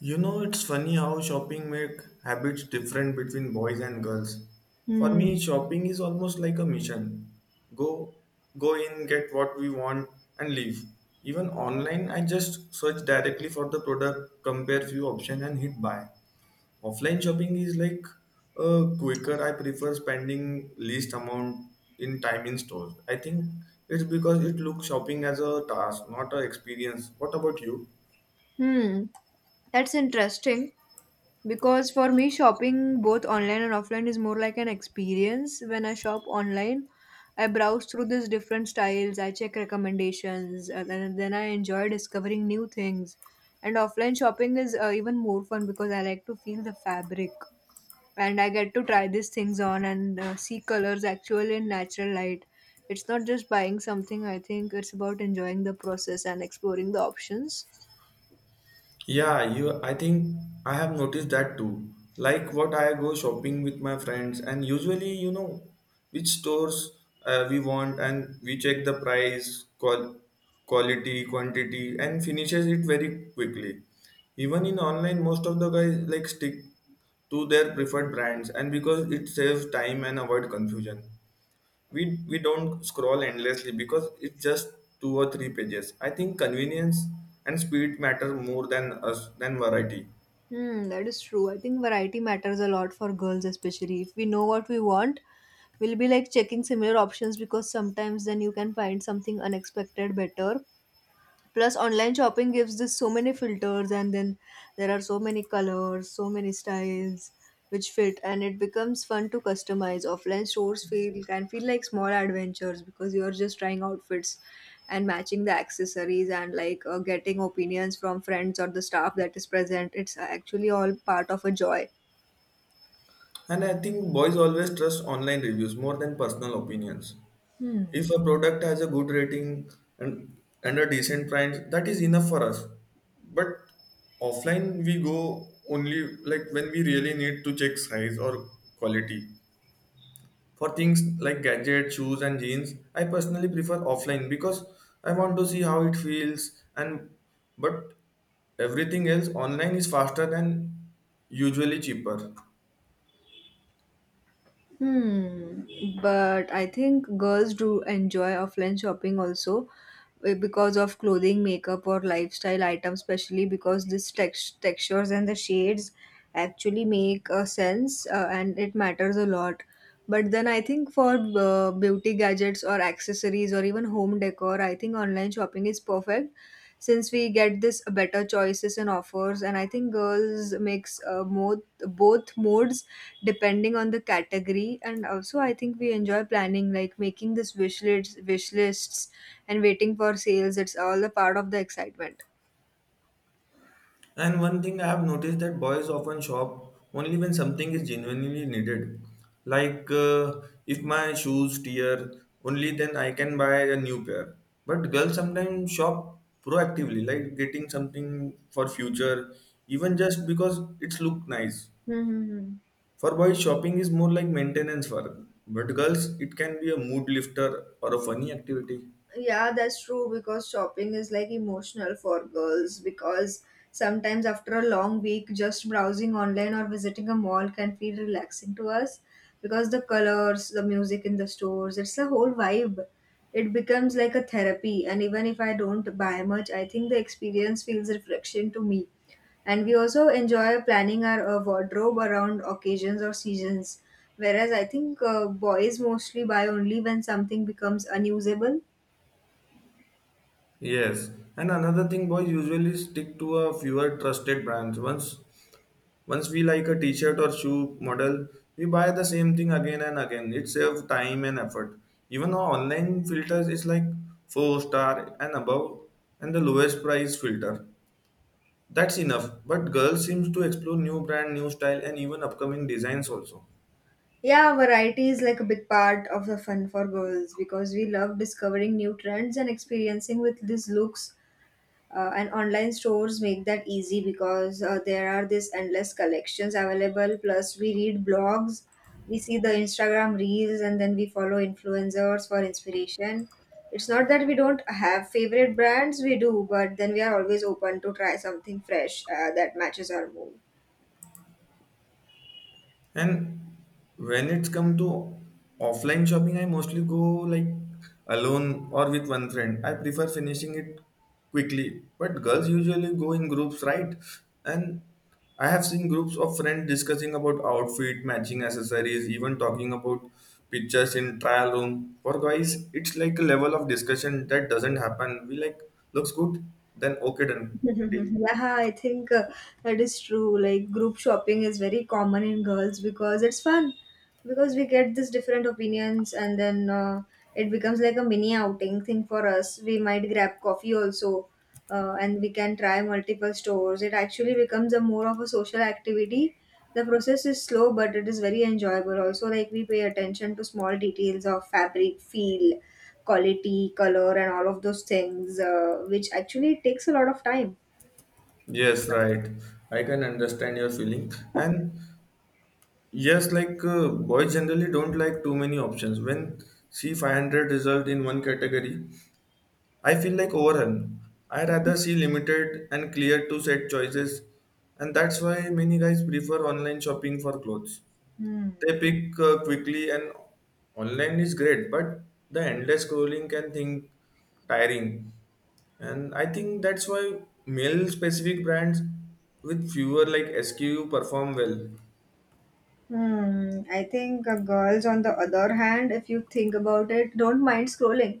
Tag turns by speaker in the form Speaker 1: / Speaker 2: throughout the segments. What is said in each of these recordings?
Speaker 1: You know, it's funny how shopping make habits different between boys and girls. For
Speaker 2: Hmm.
Speaker 1: me, shopping is almost like a mission. Go, go in, get what we want, and leave. Even online, I just search directly for the product, compare few options, and hit buy. Offline shopping is like quicker. I prefer spending least amount in time in stores. I think it's because it looks shopping as a task, not a experience. What about you?
Speaker 2: Hmm. That's interesting because for me, shopping both online and offline is more like an experience. When I shop online, I browse through these different styles, I check recommendations, and then I enjoy discovering new things. And offline shopping is even more fun because I like to feel the fabric, and I get to try these things on and see colors actual in natural light. It's not just buying something, I think it's about enjoying the process and exploring the options.
Speaker 1: Yeah, you I think I have noticed that too. Like what I go shopping with my friends and usually you know which stores we want and we check the price, quality, quantity and finishes it very quickly. Even in online most of the guys like stick to their preferred brands and because it saves time and avoid confusion we don't scroll endlessly because it's just two or three pages. I think convenience and speed matter more than us than variety.
Speaker 2: Hmm, that is true. I think variety matters a lot for girls, especially if we know what we want. We'll be like checking similar options, because sometimes then you can find something unexpected better. Plus, online shopping gives this so many filters, and then there are so many colors, so many styles which fit, and it becomes fun to customize. Offline stores feel, can feel like small adventures because you're just trying outfits and matching the accessories, and like getting opinions from friends or the staff that is present. It's actually all part of a joy.
Speaker 1: And I think boys always trust online reviews more than personal opinions. If a product has a good rating and and a decent price, that is enough for us. But offline we go only like when we really need to check size or quality. For things like gadgets, shoes, and jeans, I personally prefer offline because I want to see how it feels. And But everything else online is faster and usually cheaper.
Speaker 2: Hmm, but I think girls do enjoy offline shopping also, because of clothing, makeup, or lifestyle items, especially because this text textures and the shades actually make a sense, and it matters a lot. But then I think for beauty gadgets or accessories or even home decor, I think online shopping is perfect, since we get this better choices and offers. And I think girls makes more, both modes depending on the category. And also I think we enjoy planning, like making this wish lists and waiting for sales. It's all a part of the excitement.
Speaker 1: And one thing I have noticed that boys often shop only when something is genuinely needed. Like if my shoes tear, only then I can buy a new pair. But girls sometimes shop proactively, like getting something for future, even just because it's look nice.
Speaker 2: Hmm. Hmm, hmm.
Speaker 1: For boys, shopping is more like maintenance work, but girls, it can be a mood lifter or a funny activity.
Speaker 2: Yeah, that's true, because shopping is like emotional for girls. Because sometimes after a long week, just browsing online or visiting a mall can feel relaxing to us, because the colors, the music in the stores, it's a whole vibe. It becomes like a therapy, and even if I don't buy much, I think the experience feels reflection to me. And we also enjoy planning our wardrobe around occasions or seasons, whereas I think boys mostly buy only when something becomes unusable.
Speaker 1: Yes, and another thing, boys usually stick to a fewer trusted brands. Once we like a T-shirt or shoe model, we buy the same thing again and again. It saves time and effort. Even our online filters is like four star and above, and the lowest price filter. That's enough. But girls seems to explore new brand, new style, and even upcoming designs also.
Speaker 2: Yeah, variety is like a big part of the fun for girls, because we love discovering new trends and experiencing with these looks. And online stores make that easy because there are these endless collections available. Plus, we read blogs, we see the Instagram reels, and then we follow influencers for inspiration. It's not that we don't have favorite brands, we do, but then we are always open to try something fresh that matches our mood.
Speaker 1: And when it's come to offline shopping, I mostly go like alone or with one friend. I prefer finishing it quickly. But girls usually go in groups, right? And I have seen groups of friends discussing about outfit, matching accessories, even talking about pictures in trial room. For guys, it's like a level of discussion that doesn't happen. We like looks good, then okay done.
Speaker 2: Mhm. Yeah, I think that is true. Like, group shopping is very common in girls because it's fun, because we get these different opinions, and then it becomes like a mini outing thing for us. We might grab coffee also, and we can try multiple stores. It actually becomes a more of a social activity. The process is slow, but it is very enjoyable. Also, like, we pay attention to small details of fabric, feel, quality, color, and all of those things, which actually takes a lot of time.
Speaker 1: Yes, right. I can understand your feeling. And yes, like boys generally don't like too many options. When see 500 result in one category, I feel like overwhelmed. I rather see limited and clear to set choices, and that's why many guys prefer online shopping for clothes.
Speaker 2: Hmm.
Speaker 1: They pick quickly, and online is great, but the endless scrolling can think tiring. And I think that's why male specific brands with fewer like SKU perform well.
Speaker 2: Hmm. I think girls, on the other hand, if you think about it, don't mind scrolling,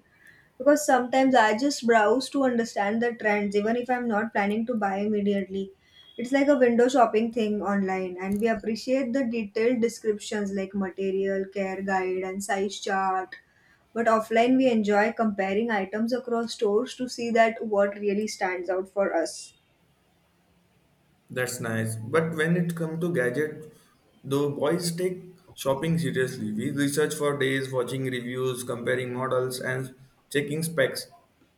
Speaker 2: because sometimes I just browse to understand the trends, even if I'm not planning to buy immediately. It's like a window shopping thing online, and we appreciate the detailed descriptions like material, care guide, and size chart. But offline, we enjoy comparing items across stores to see that what really stands out for us.
Speaker 1: That's nice. But when it comes to gadget, though boys take shopping seriously. We research for days, watching reviews, comparing models, and checking specs.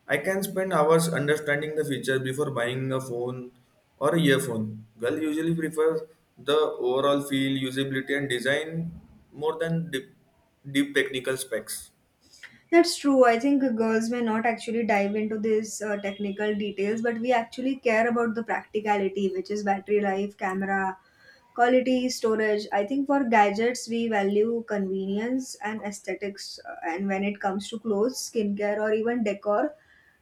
Speaker 1: I can spend hours understanding the features before buying a phone or a earphone. Girl usually prefers the overall feel, usability, and design more than deep technical specs.
Speaker 2: That's true. I think girls may not actually dive into these technical details, but we actually care about the practicality, which is battery life, camera quality, storage. I think for gadgets, we value convenience and aesthetics. And when it comes to clothes, skincare, or even decor,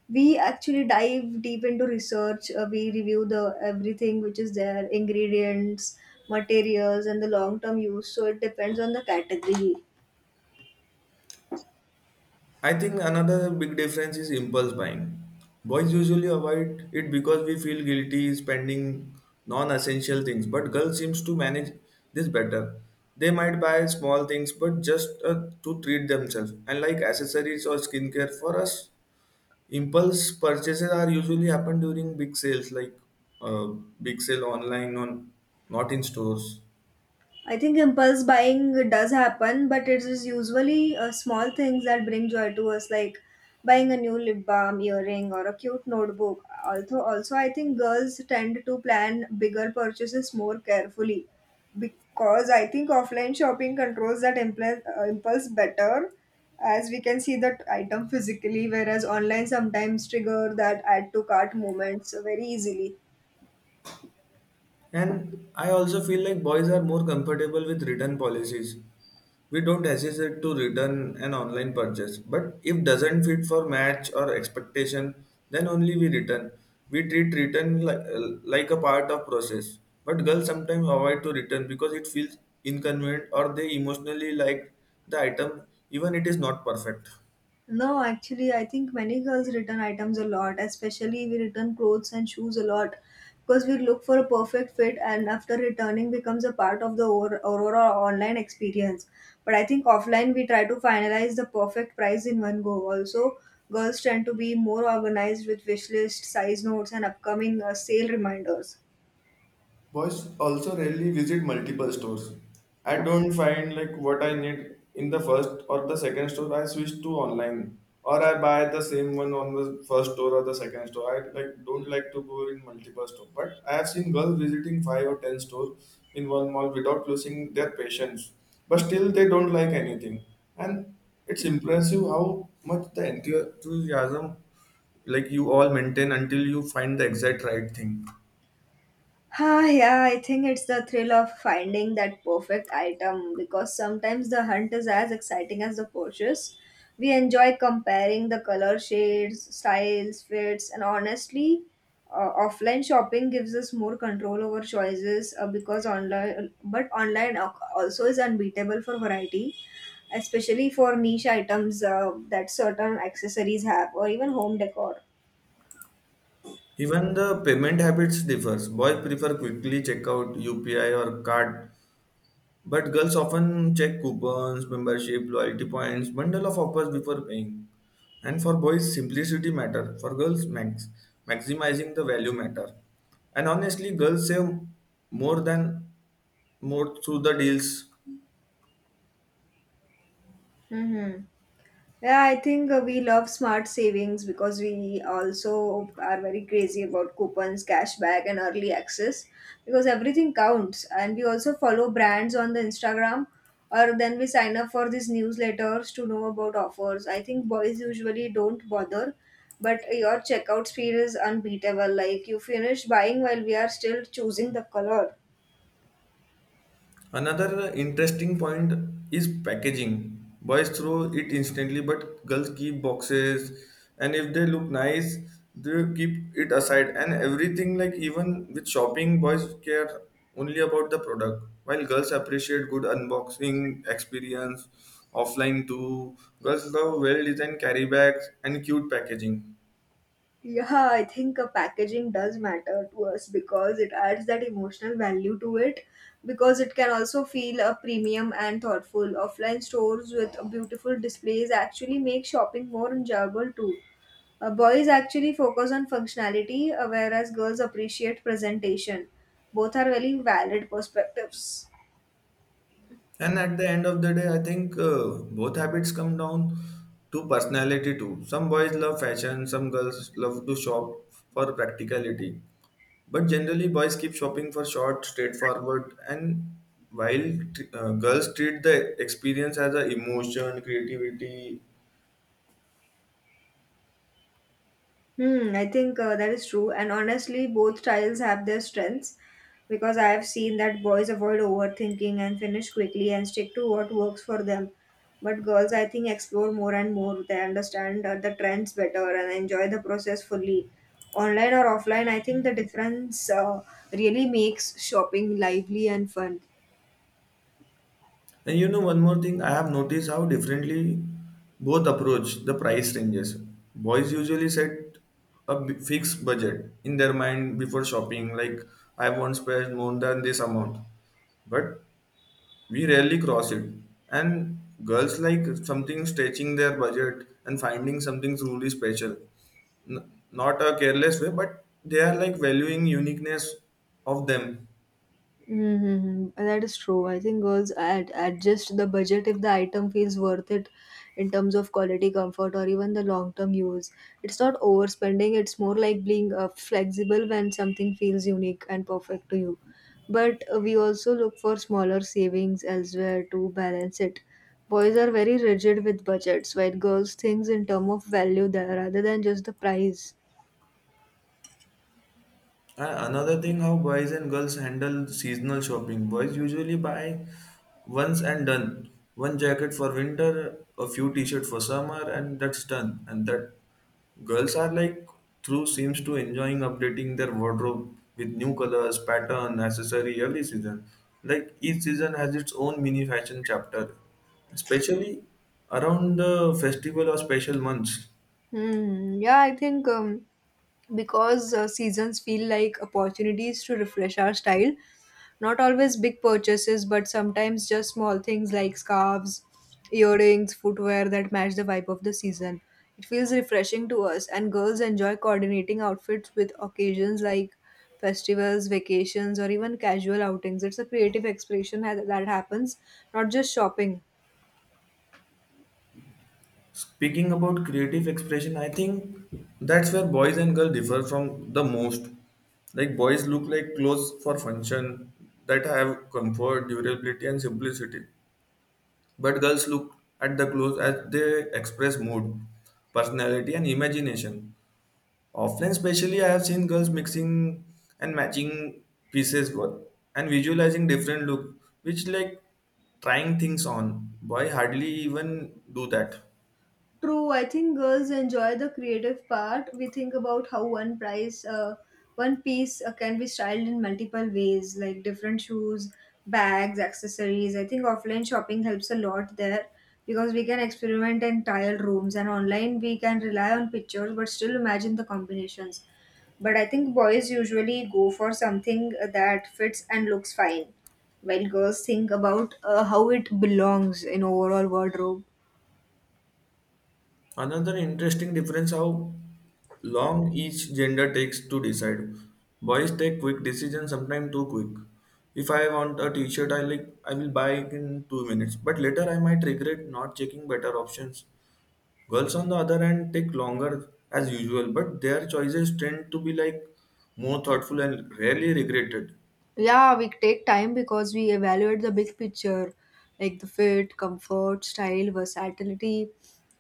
Speaker 2: we actually dive deep into research. We review the everything which is there, ingredients, materials, and the long term use. So it depends on the category.
Speaker 1: I think another big difference is impulse buying. Boys usually avoid it because we feel guilty spending non-essential things, but girls seems to manage this better. They might buy small things, but just to treat themselves. And like accessories or skincare, for us, impulse purchases are usually happen during big sales, like uh, big sale online on not in stores.
Speaker 2: I think impulse buying does happen, but it is usually small things that bring joy to us, like buying a new lip balm, earring, or a cute notebook. Also, I think girls tend to plan bigger purchases more carefully, because I think offline shopping controls that impulse, impulse better, as we can see that item physically, whereas online sometimes trigger that add to cart moments very easily.
Speaker 1: And I also feel like boys are more comfortable with return policies. We don't hesitate to return an online purchase, but if doesn't fit for match or expectation, then only we return. We treat return like a part of process. But girls sometimes avoid to return because it feels inconvenient or they emotionally like the item even it is not perfect.
Speaker 2: No, actually, I think many girls return items a lot, especially we return clothes and shoes a lot, because we look for a perfect fit, and after returning becomes a part of the Aurora online experience. But I think offline we try to finalize the perfect price in one go. Also, girls tend to be more organized with wish list, size notes, and upcoming sale reminders.
Speaker 1: Boys also rarely visit multiple stores. I don't find like what I need in the first or the second store. I switch to online or I buy the same one on the first store or the second store. I like don't like to go in multiple store. But I have seen girls visiting five or ten stores in one mall without losing their patience. But still they don't like anything. And it's impressive how much the enthusiasm like you all maintain until you find the exact right thing.
Speaker 2: Ah, yeah, I think it's the thrill of finding that perfect item, because sometimes the hunt is as exciting as the purchase. We enjoy comparing the color shades, styles, fits, and honestly, offline shopping gives us more control over choices because online, but online also is unbeatable for variety, especially for niche items that certain accessories have, or even home decor.
Speaker 1: Even the payment habits differs. Boys prefer quickly checkout, UPI or card, but girls often check coupons, membership, loyalty points, bundle of offers before paying. And for boys, simplicity matter. For girls, maximizing the value matter. And honestly, girls save more than more through the deals.
Speaker 2: Mm-hmm. Yeah, I think we love smart savings, because we also are very crazy about coupons, cashback, and early access, because everything counts. And we also follow brands on the Instagram, or then we sign up for these newsletters to know about offers. I think boys usually don't bother, but your checkout speed is unbeatable. Like, you finish buying while we are still choosing the color.
Speaker 1: Another interesting point is packaging. Boys throw it instantly, but girls keep boxes, and if they look nice, they keep it aside. And everything, like even with shopping, boys care only about the product, while girls appreciate good unboxing experience offline too. Girls love well designed carry bags and cute packaging.
Speaker 2: Yeah, I think a packaging does matter to us, because it adds that emotional value to it. Because it can also feel a premium and thoughtful. Offline stores with beautiful displays actually make shopping more enjoyable too. Boys actually focus on functionality, whereas girls appreciate presentation. Both are very valid perspectives.
Speaker 1: And at the end of the day, I think both habits come down to personality too. Some boys love fashion, some girls love to shop for practicality. But generally, boys keep shopping for short, straightforward, and while girls treat the experience as a emotion, creativity.
Speaker 2: Hmm, I think that is true. And honestly, both styles have their strengths, because I have seen that boys avoid overthinking and finish quickly and stick to what works for them. But girls, I think, explore more and more. They understand the trends better and enjoy the process fully. Online or offline, I think the difference really makes shopping lively and fun.
Speaker 1: And you know, one more thing, I have noticed how differently both approach the price ranges. Boys usually set fixed budget in their mind before shopping, like I won't spend more than this amount, but we rarely cross it. And girls like something stretching their budget and finding something truly special. Not a careless way, but they are like valuing uniqueness of them.
Speaker 2: Mm-hmm. That is true. I think girls adjust the budget if the item feels worth it in terms of quality, comfort, or even the long term use. It's not overspending, it's more like being flexible when something feels unique and perfect to you. But we also look for smaller savings elsewhere to balance it. Boys are very rigid with budgets, while girls think in terms of value there rather than just the price.
Speaker 1: And another thing, how boys and girls handle seasonal shopping. Boys usually buy once and done. One jacket for winter, a few t-shirts for summer, and that's done. And that girls are like through seems to enjoying updating their wardrobe with new colors, pattern, accessory every season. Like each season has its own mini fashion chapter, especially around the festival or special months.
Speaker 2: Hmm. Yeah, I think. Because seasons feel like opportunities to refresh our style. Not always big purchases, but sometimes just small things like scarves, earrings, footwear that match the vibe of the season. It feels refreshing to us, and girls enjoy coordinating outfits with occasions like festivals, vacations, or even casual outings. It's a creative expression that happens, not just shopping.
Speaker 1: Speaking about creative expression, I think that's where boys and girls differ from the most. Like boys look like clothes for function that have comfort, durability, and simplicity. But girls look at the clothes as they express mood, personality, and imagination. Often, especially, I have seen girls mixing and matching pieces wo- and visualizing different look, which like trying things on. Boy hardly even do that.
Speaker 2: True, I think girls enjoy the creative part. We think about how one price, one piece can be styled in multiple ways, like different shoes, bags, accessories. I think offline shopping helps a lot there, because we can experiment and tile rooms, and online we can rely on pictures but still imagine the combinations. But I think boys usually go for something that fits and looks fine, while girls think about how it belongs in overall wardrobe.
Speaker 1: Another interesting difference how long each gender takes to decide. Boys take quick decisions, sometimes too quick. If I want a t-shirt, I will buy it in 2 minutes. But later I might regret not checking better options. Girls on the other hand take longer as usual, but their choices tend to be like more thoughtful and rarely regretted.
Speaker 2: Yeah, we take time because we evaluate the big picture, like the fit, comfort, style, versatility.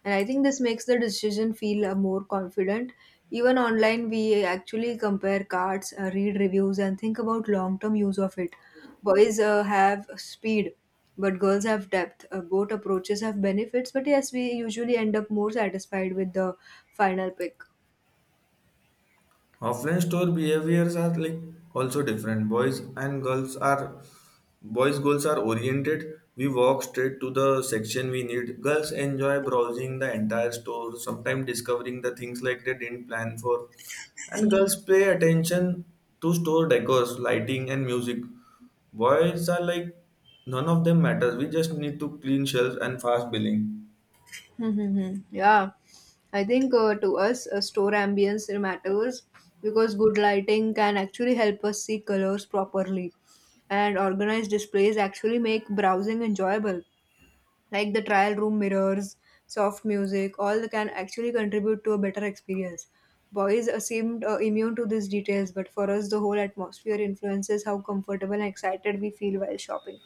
Speaker 2: And I think this makes the decision feel more confident. Even online, we actually compare cards, read reviews, and think about long term use of it. Boys have speed, but girls have depth. Both approaches have benefits, but yes, we usually end up more satisfied with the final pick.
Speaker 1: Offline store behaviors are like also different. Boys' goals are oriented. We walk straight to the section we need. Girls enjoy browsing the entire store, sometimes discovering the things like they didn't plan for. And girls pay attention to store decors, lighting, and music. Boys are like, none of them matters. We just need to clean shelves and fast billing.
Speaker 2: Yeah, I think to us, store ambience matters, because good lighting can actually help us see colors properly, and organized displays actually make browsing enjoyable. Like the trial room mirrors, soft music, all can actually contribute to a better experience. Boys seemed immune to these details, but for us, the whole atmosphere influences how comfortable and excited we feel while shopping.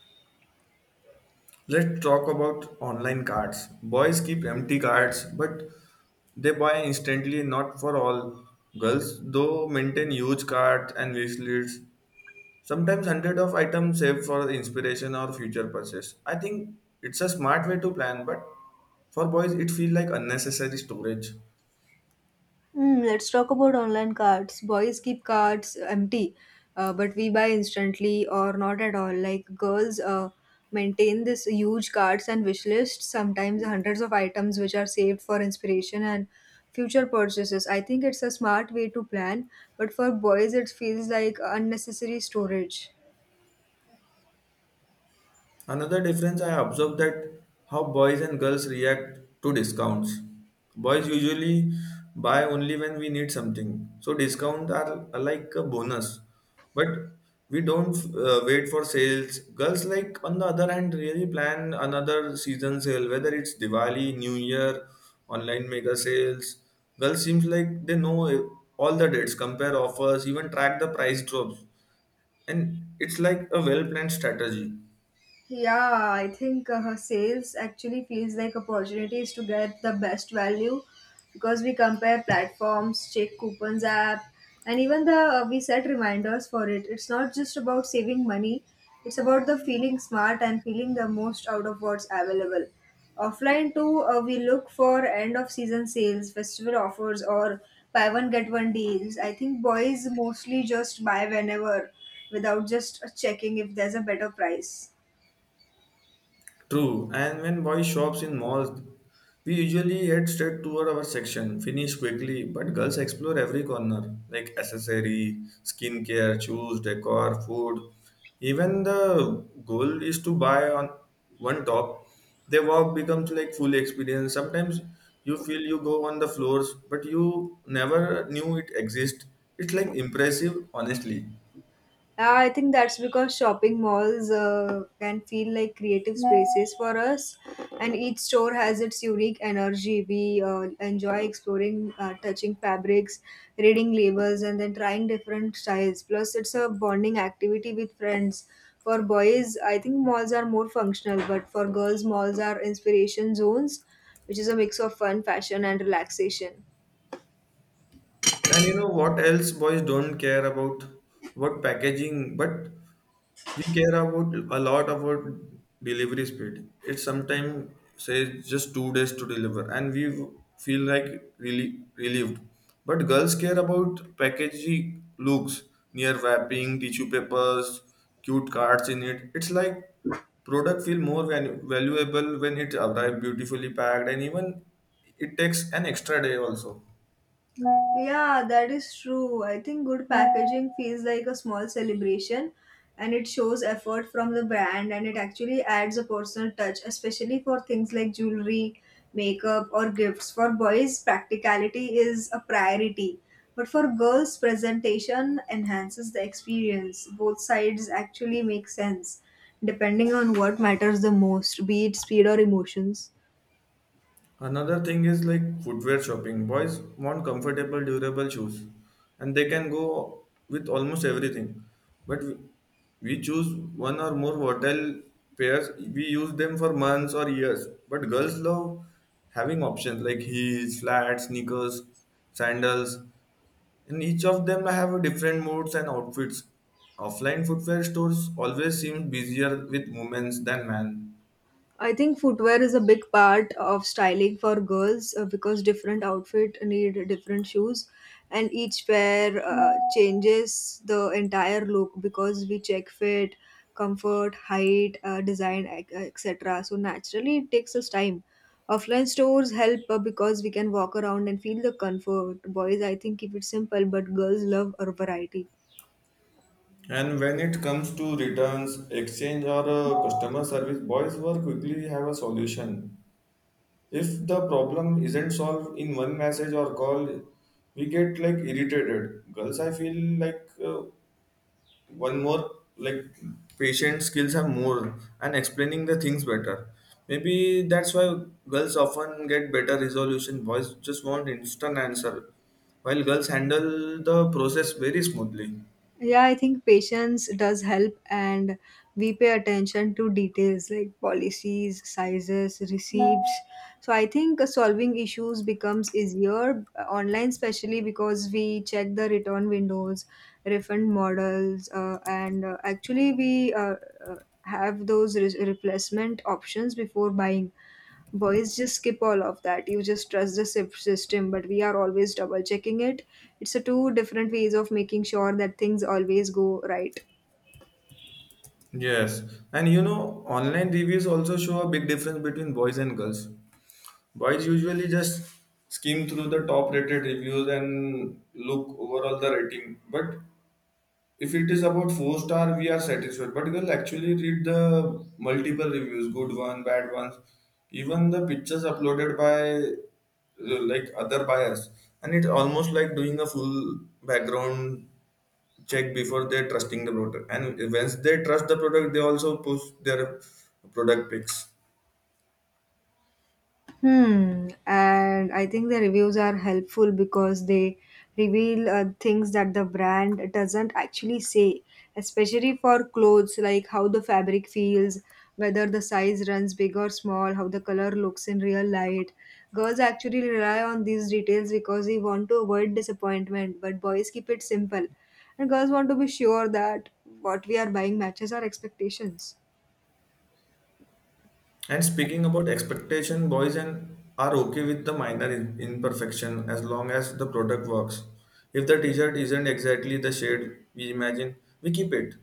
Speaker 1: Let's talk about online cards. Boys keep empty cards, but they buy instantly, not for all. Girls, though, maintain huge cards and wish lists. Sometimes hundred of items saved for inspiration or future purchase. I think it's a smart way to plan, but for boys it feels like unnecessary storage.
Speaker 2: Hmm, let's talk about online cards. Boys keep cards empty, but we buy instantly or not at all. Like, girls maintain this huge cards and wish lists, sometimes hundreds of items which are saved for inspiration and future purchases. I think it's a smart way to plan, but for boys it feels like unnecessary storage.
Speaker 1: Another difference I observed that how boys and girls react to discounts. Boys usually buy only when we need something, so discounts are like a bonus. But we don't wait for sales. Girls, like on the other hand, really plan another season sale, whether it's Diwali, New Year, online mega sales. Girls seems like they know all the dates, compare offers, even track the price drops, and it's like a well planned strategy.
Speaker 2: Yeah, I think sales actually feels like opportunities to get the best value because we compare platforms, check coupons app, and even the we set reminders for it. It's not just about saving money; it's about the feeling smart and feeling the most out of what's available. Offline too, we look for end of season sales, festival offers, or buy one get one deals. I think boys mostly just buy whenever without just checking if there's a better price.
Speaker 1: True, and when boys shops in malls, we usually head straight toward our section, finish quickly, but girls explore every corner, like accessory, skincare, shoes, decor, food. Even the goal is to buy on one top. The walk becomes like full experience. Sometimes you feel you go on the floors, but you never knew it exists. It's like impressive, honestly.
Speaker 2: Yeah, I think that's because shopping malls can feel like creative spaces for us, and each store has its unique energy. We enjoy exploring, touching fabrics, reading labels, and then trying different styles. Plus, it's a bonding activity with friends. For boys, I think malls are more functional, but for girls, malls are inspiration zones, which is a mix of fun, fashion, and relaxation.
Speaker 1: And you know what else boys don't care about? What packaging, but we care about a lot about delivery speed. It sometimes says just 2 days to deliver and we feel like really relieved. But girls care about packaging looks, near wrapping tissue papers, cute cards in it. It's like product feel more valuable when it arrive beautifully packed and even it takes an extra day also.
Speaker 2: Yeah, that is true. I think good packaging feels like a small celebration and it shows effort from the brand and it actually adds a personal touch, especially for things like jewelry, makeup, or gifts. For boys, practicality is a priority, but for girls, presentation enhances the experience. Both sides actually make sense depending on what matters the most, be it speed or emotions.
Speaker 1: Another thing is like footwear shopping. Boys want comfortable, durable shoes, and they can go with almost everything. But we choose one or more volatile pairs. We use them for months or years. But girls love having options like heels, flats, sneakers, sandals, and each of them have different moods and outfits. Offline footwear stores always seem busier with women than men.
Speaker 2: I think footwear is a big part of styling for girls because different outfit need different shoes and each pair changes the entire look because we check fit, comfort, height, design, etc. So naturally it takes us time. Offline stores help because we can walk around and feel the comfort. Boys I think keep it simple but girls love a variety.
Speaker 1: And when it comes to returns, exchange, or customer service, boys will quickly have a solution. If the problem isn't solved in one message or call, we get like irritated. Girls, I feel like, one more like patient skills are more and explaining the things better. Maybe that's why girls often get better resolution. Boys just want instant answer, while girls handle the process very smoothly.
Speaker 2: Yeah, I think patience does help, and we pay attention to details like policies, sizes, receipts. So I think solving issues becomes easier online, especially because we check the return windows, refund models, and actually we uh, have those replacement options before buying. Boys just skip all of that. You just trust the system, but we are always double checking it. It's a two different ways of making sure that things always go right.
Speaker 1: Yes, and you know, online reviews also show a big difference between boys and girls. Boys usually just skim through the top rated reviews and look overall the rating. But if it is about four star, we are satisfied. But girls actually read the multiple reviews, good one, bad ones, even the pictures uploaded by like other buyers. And it's almost like doing a full background check before they're trusting the product, and once they trust the product they also push their product picks.
Speaker 2: Hmm, and I think the reviews are helpful because they reveal things that the brand doesn't actually say, especially for clothes, like how the fabric feels, whether the size runs big or small, how the color looks in real light. Girls actually rely on these details because they want to avoid disappointment, but boys keep it simple. And girls want to be sure that what we are buying matches our expectations.
Speaker 1: And speaking about expectation, boys and are okay with the minor imperfection as long as the product works. If the t-shirt isn't exactly the shade we imagine, we keep it.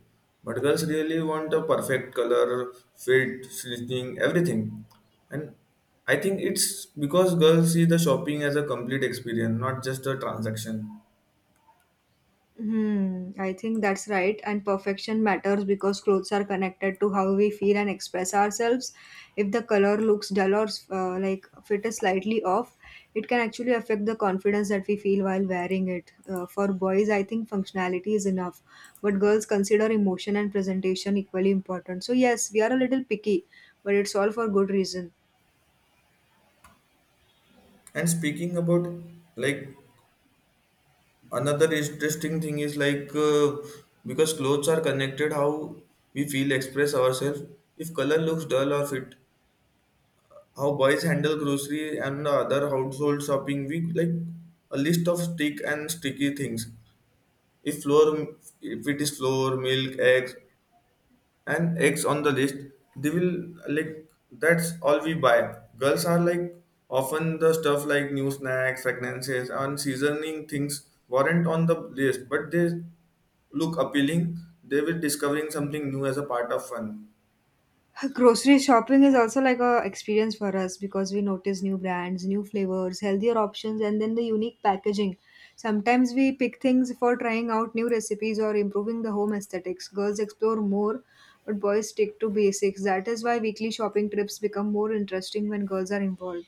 Speaker 1: But girls really want a perfect color fit stitching everything, and I think it's because girls see the shopping as a complete experience, not just a transaction.
Speaker 2: Hmm, I think that's right. And perfection matters because clothes are connected to how we feel and express ourselves. If the color looks dull or like fit is slightly off, it can actually affect the confidence that we feel while wearing it. For boys, I think functionality is enough, but girls consider emotion and presentation equally important. So, yes, we are a little picky, but it's all for good reason.
Speaker 1: And speaking about like another interesting thing is like, because clothes are connected how we feel express ourselves, if color looks dull or fit, how boys handle grocery and the other household shopping, we like a list of stick and sticky things. If flour, if it is flour milk eggs and eggs on the list, they will like that's all we buy. Girls are like often the stuff like new snacks fragrances and seasoning things weren't on the list, but they look appealing. They will discovering something new as a part of fun.
Speaker 2: Grocery shopping is also like a experience for us because we notice new brands, new flavors, healthier options, and then the unique packaging. Sometimes we pick things for trying out new recipes or improving the home aesthetics. Girls explore more, but boys stick to basics. That is why weekly shopping trips become more interesting when girls are involved.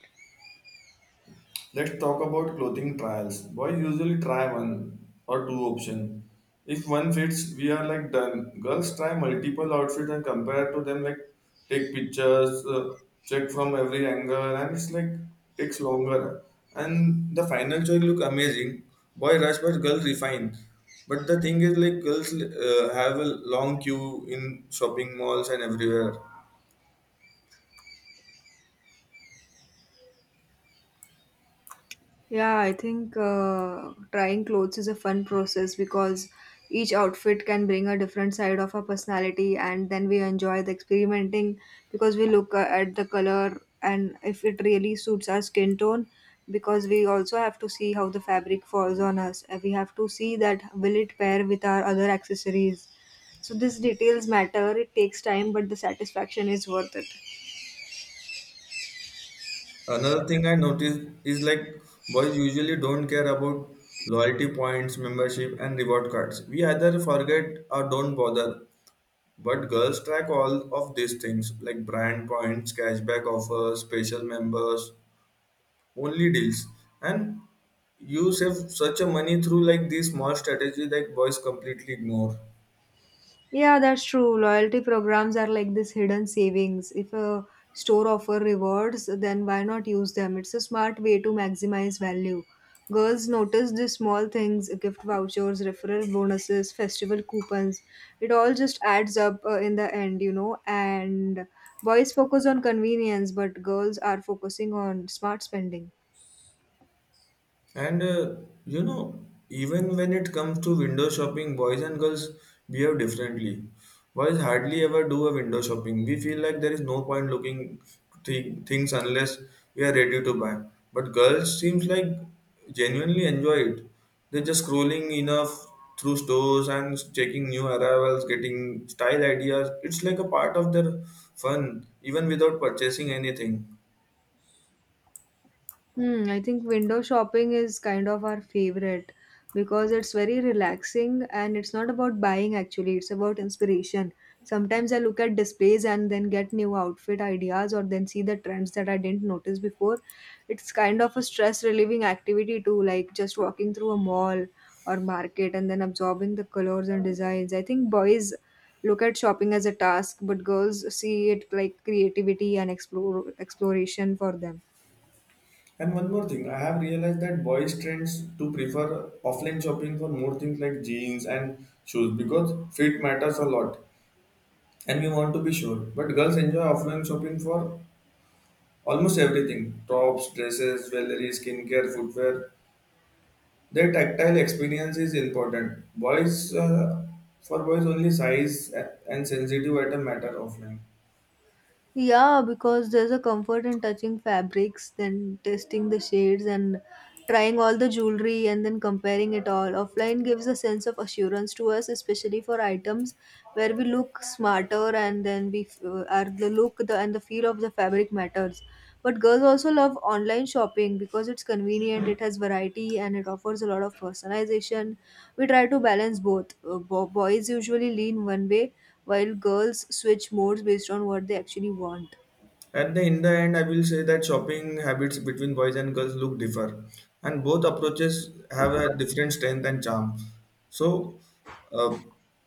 Speaker 1: Let's talk about clothing trials. Boys usually try one or two option. If one fits, we are like done. Girls try multiple outfits and compare to them, like take pictures, check from every angle, and it's like takes longer. And the final choice look amazing. Boy rush, but girl refine. But the thing is, like girls have a long queue in shopping malls and everywhere.
Speaker 2: Yeah, I think trying clothes is a fun process because each outfit can bring a different side of our personality, and then we enjoy the experimenting because we look at the color and if it really suits our skin tone. Because we also have to see how the fabric falls on us, and we have to see that will it pair with our other accessories. So these details matter. It takes time, but the satisfaction is worth it.
Speaker 1: Another thing I noticed is like boys usually don't care about loyalty points, membership, and reward cards. We either forget or don't bother. But girls track all of these things like brand points, cashback offers, special members, only deals. And you save such a money through like these small strategy that boys completely ignore.
Speaker 2: Yeah, that's true. Loyalty programs are like this hidden savings. If a store offer rewards, then why not use them? It's a smart way to maximize value. Girls notice the small things, gift vouchers, referral bonuses, festival coupons. It all just adds up in the end, you know. And boys focus on convenience, but girls are focusing on smart spending.
Speaker 1: And you know, even when it comes to window shopping, boys and girls behave differently. Boys hardly ever do a window shopping. We feel like there is no point looking things unless we are ready to buy. But girls seems like genuinely enjoy it. They're just scrolling enough through stores and checking new arrivals, getting style ideas. It's like a part of their fun, even without purchasing anything.
Speaker 2: Hmm, I think window shopping is kind of our favorite because it's very relaxing and it's not about buying actually, it's about inspiration. Sometimes I look at displays and then get new outfit ideas or then see the trends that I didn't notice before. It's kind of a stress relieving activity too, like just walking through a mall or market and then absorbing the colors and designs. I think boys look at shopping as a task, but girls see it like creativity and explore exploration for them.
Speaker 1: And one more thing, I have realized that boys tends to prefer offline shopping for more things like jeans and shoes because fit matters a lot, and we want to be sure. But girls enjoy offline shopping for almost everything, tops, dresses, jewelry, skincare, footwear. Their tactile experience is important. Boys, for boys, only size and sensitive item matter offline.
Speaker 2: Yeah, because there's a comfort in touching fabrics, then testing the shades and trying all the jewelry and then comparing it all. Offline gives a sense of assurance to us, especially for items where we look smarter and then are the look the and the feel of the fabric matters. But girls also love online shopping because it's convenient, it has variety, and it offers a lot of personalization. We try to balance both. Boys usually lean one way, while girls switch modes based on what they actually want.
Speaker 1: At the in the end, I will say that shopping habits between boys and girls look differ, and both approaches have a different strength and charm. So, uh,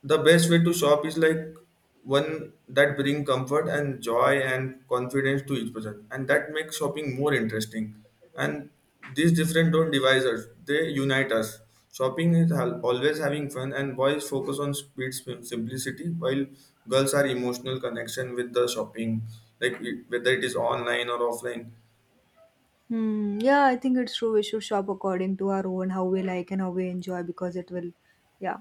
Speaker 1: the best way to shop is like one that bring comfort and joy and confidence to each person, and that makes shopping more interesting. And these different don't divide us, they unite us. Shopping is always having fun, and boys focus on speed simplicity, while girls are emotional connection with the shopping, like whether it is online or offline.
Speaker 2: Hmm. Yeah, I think it's true. We should shop according to our own, how we like and how we enjoy, because it will, yeah.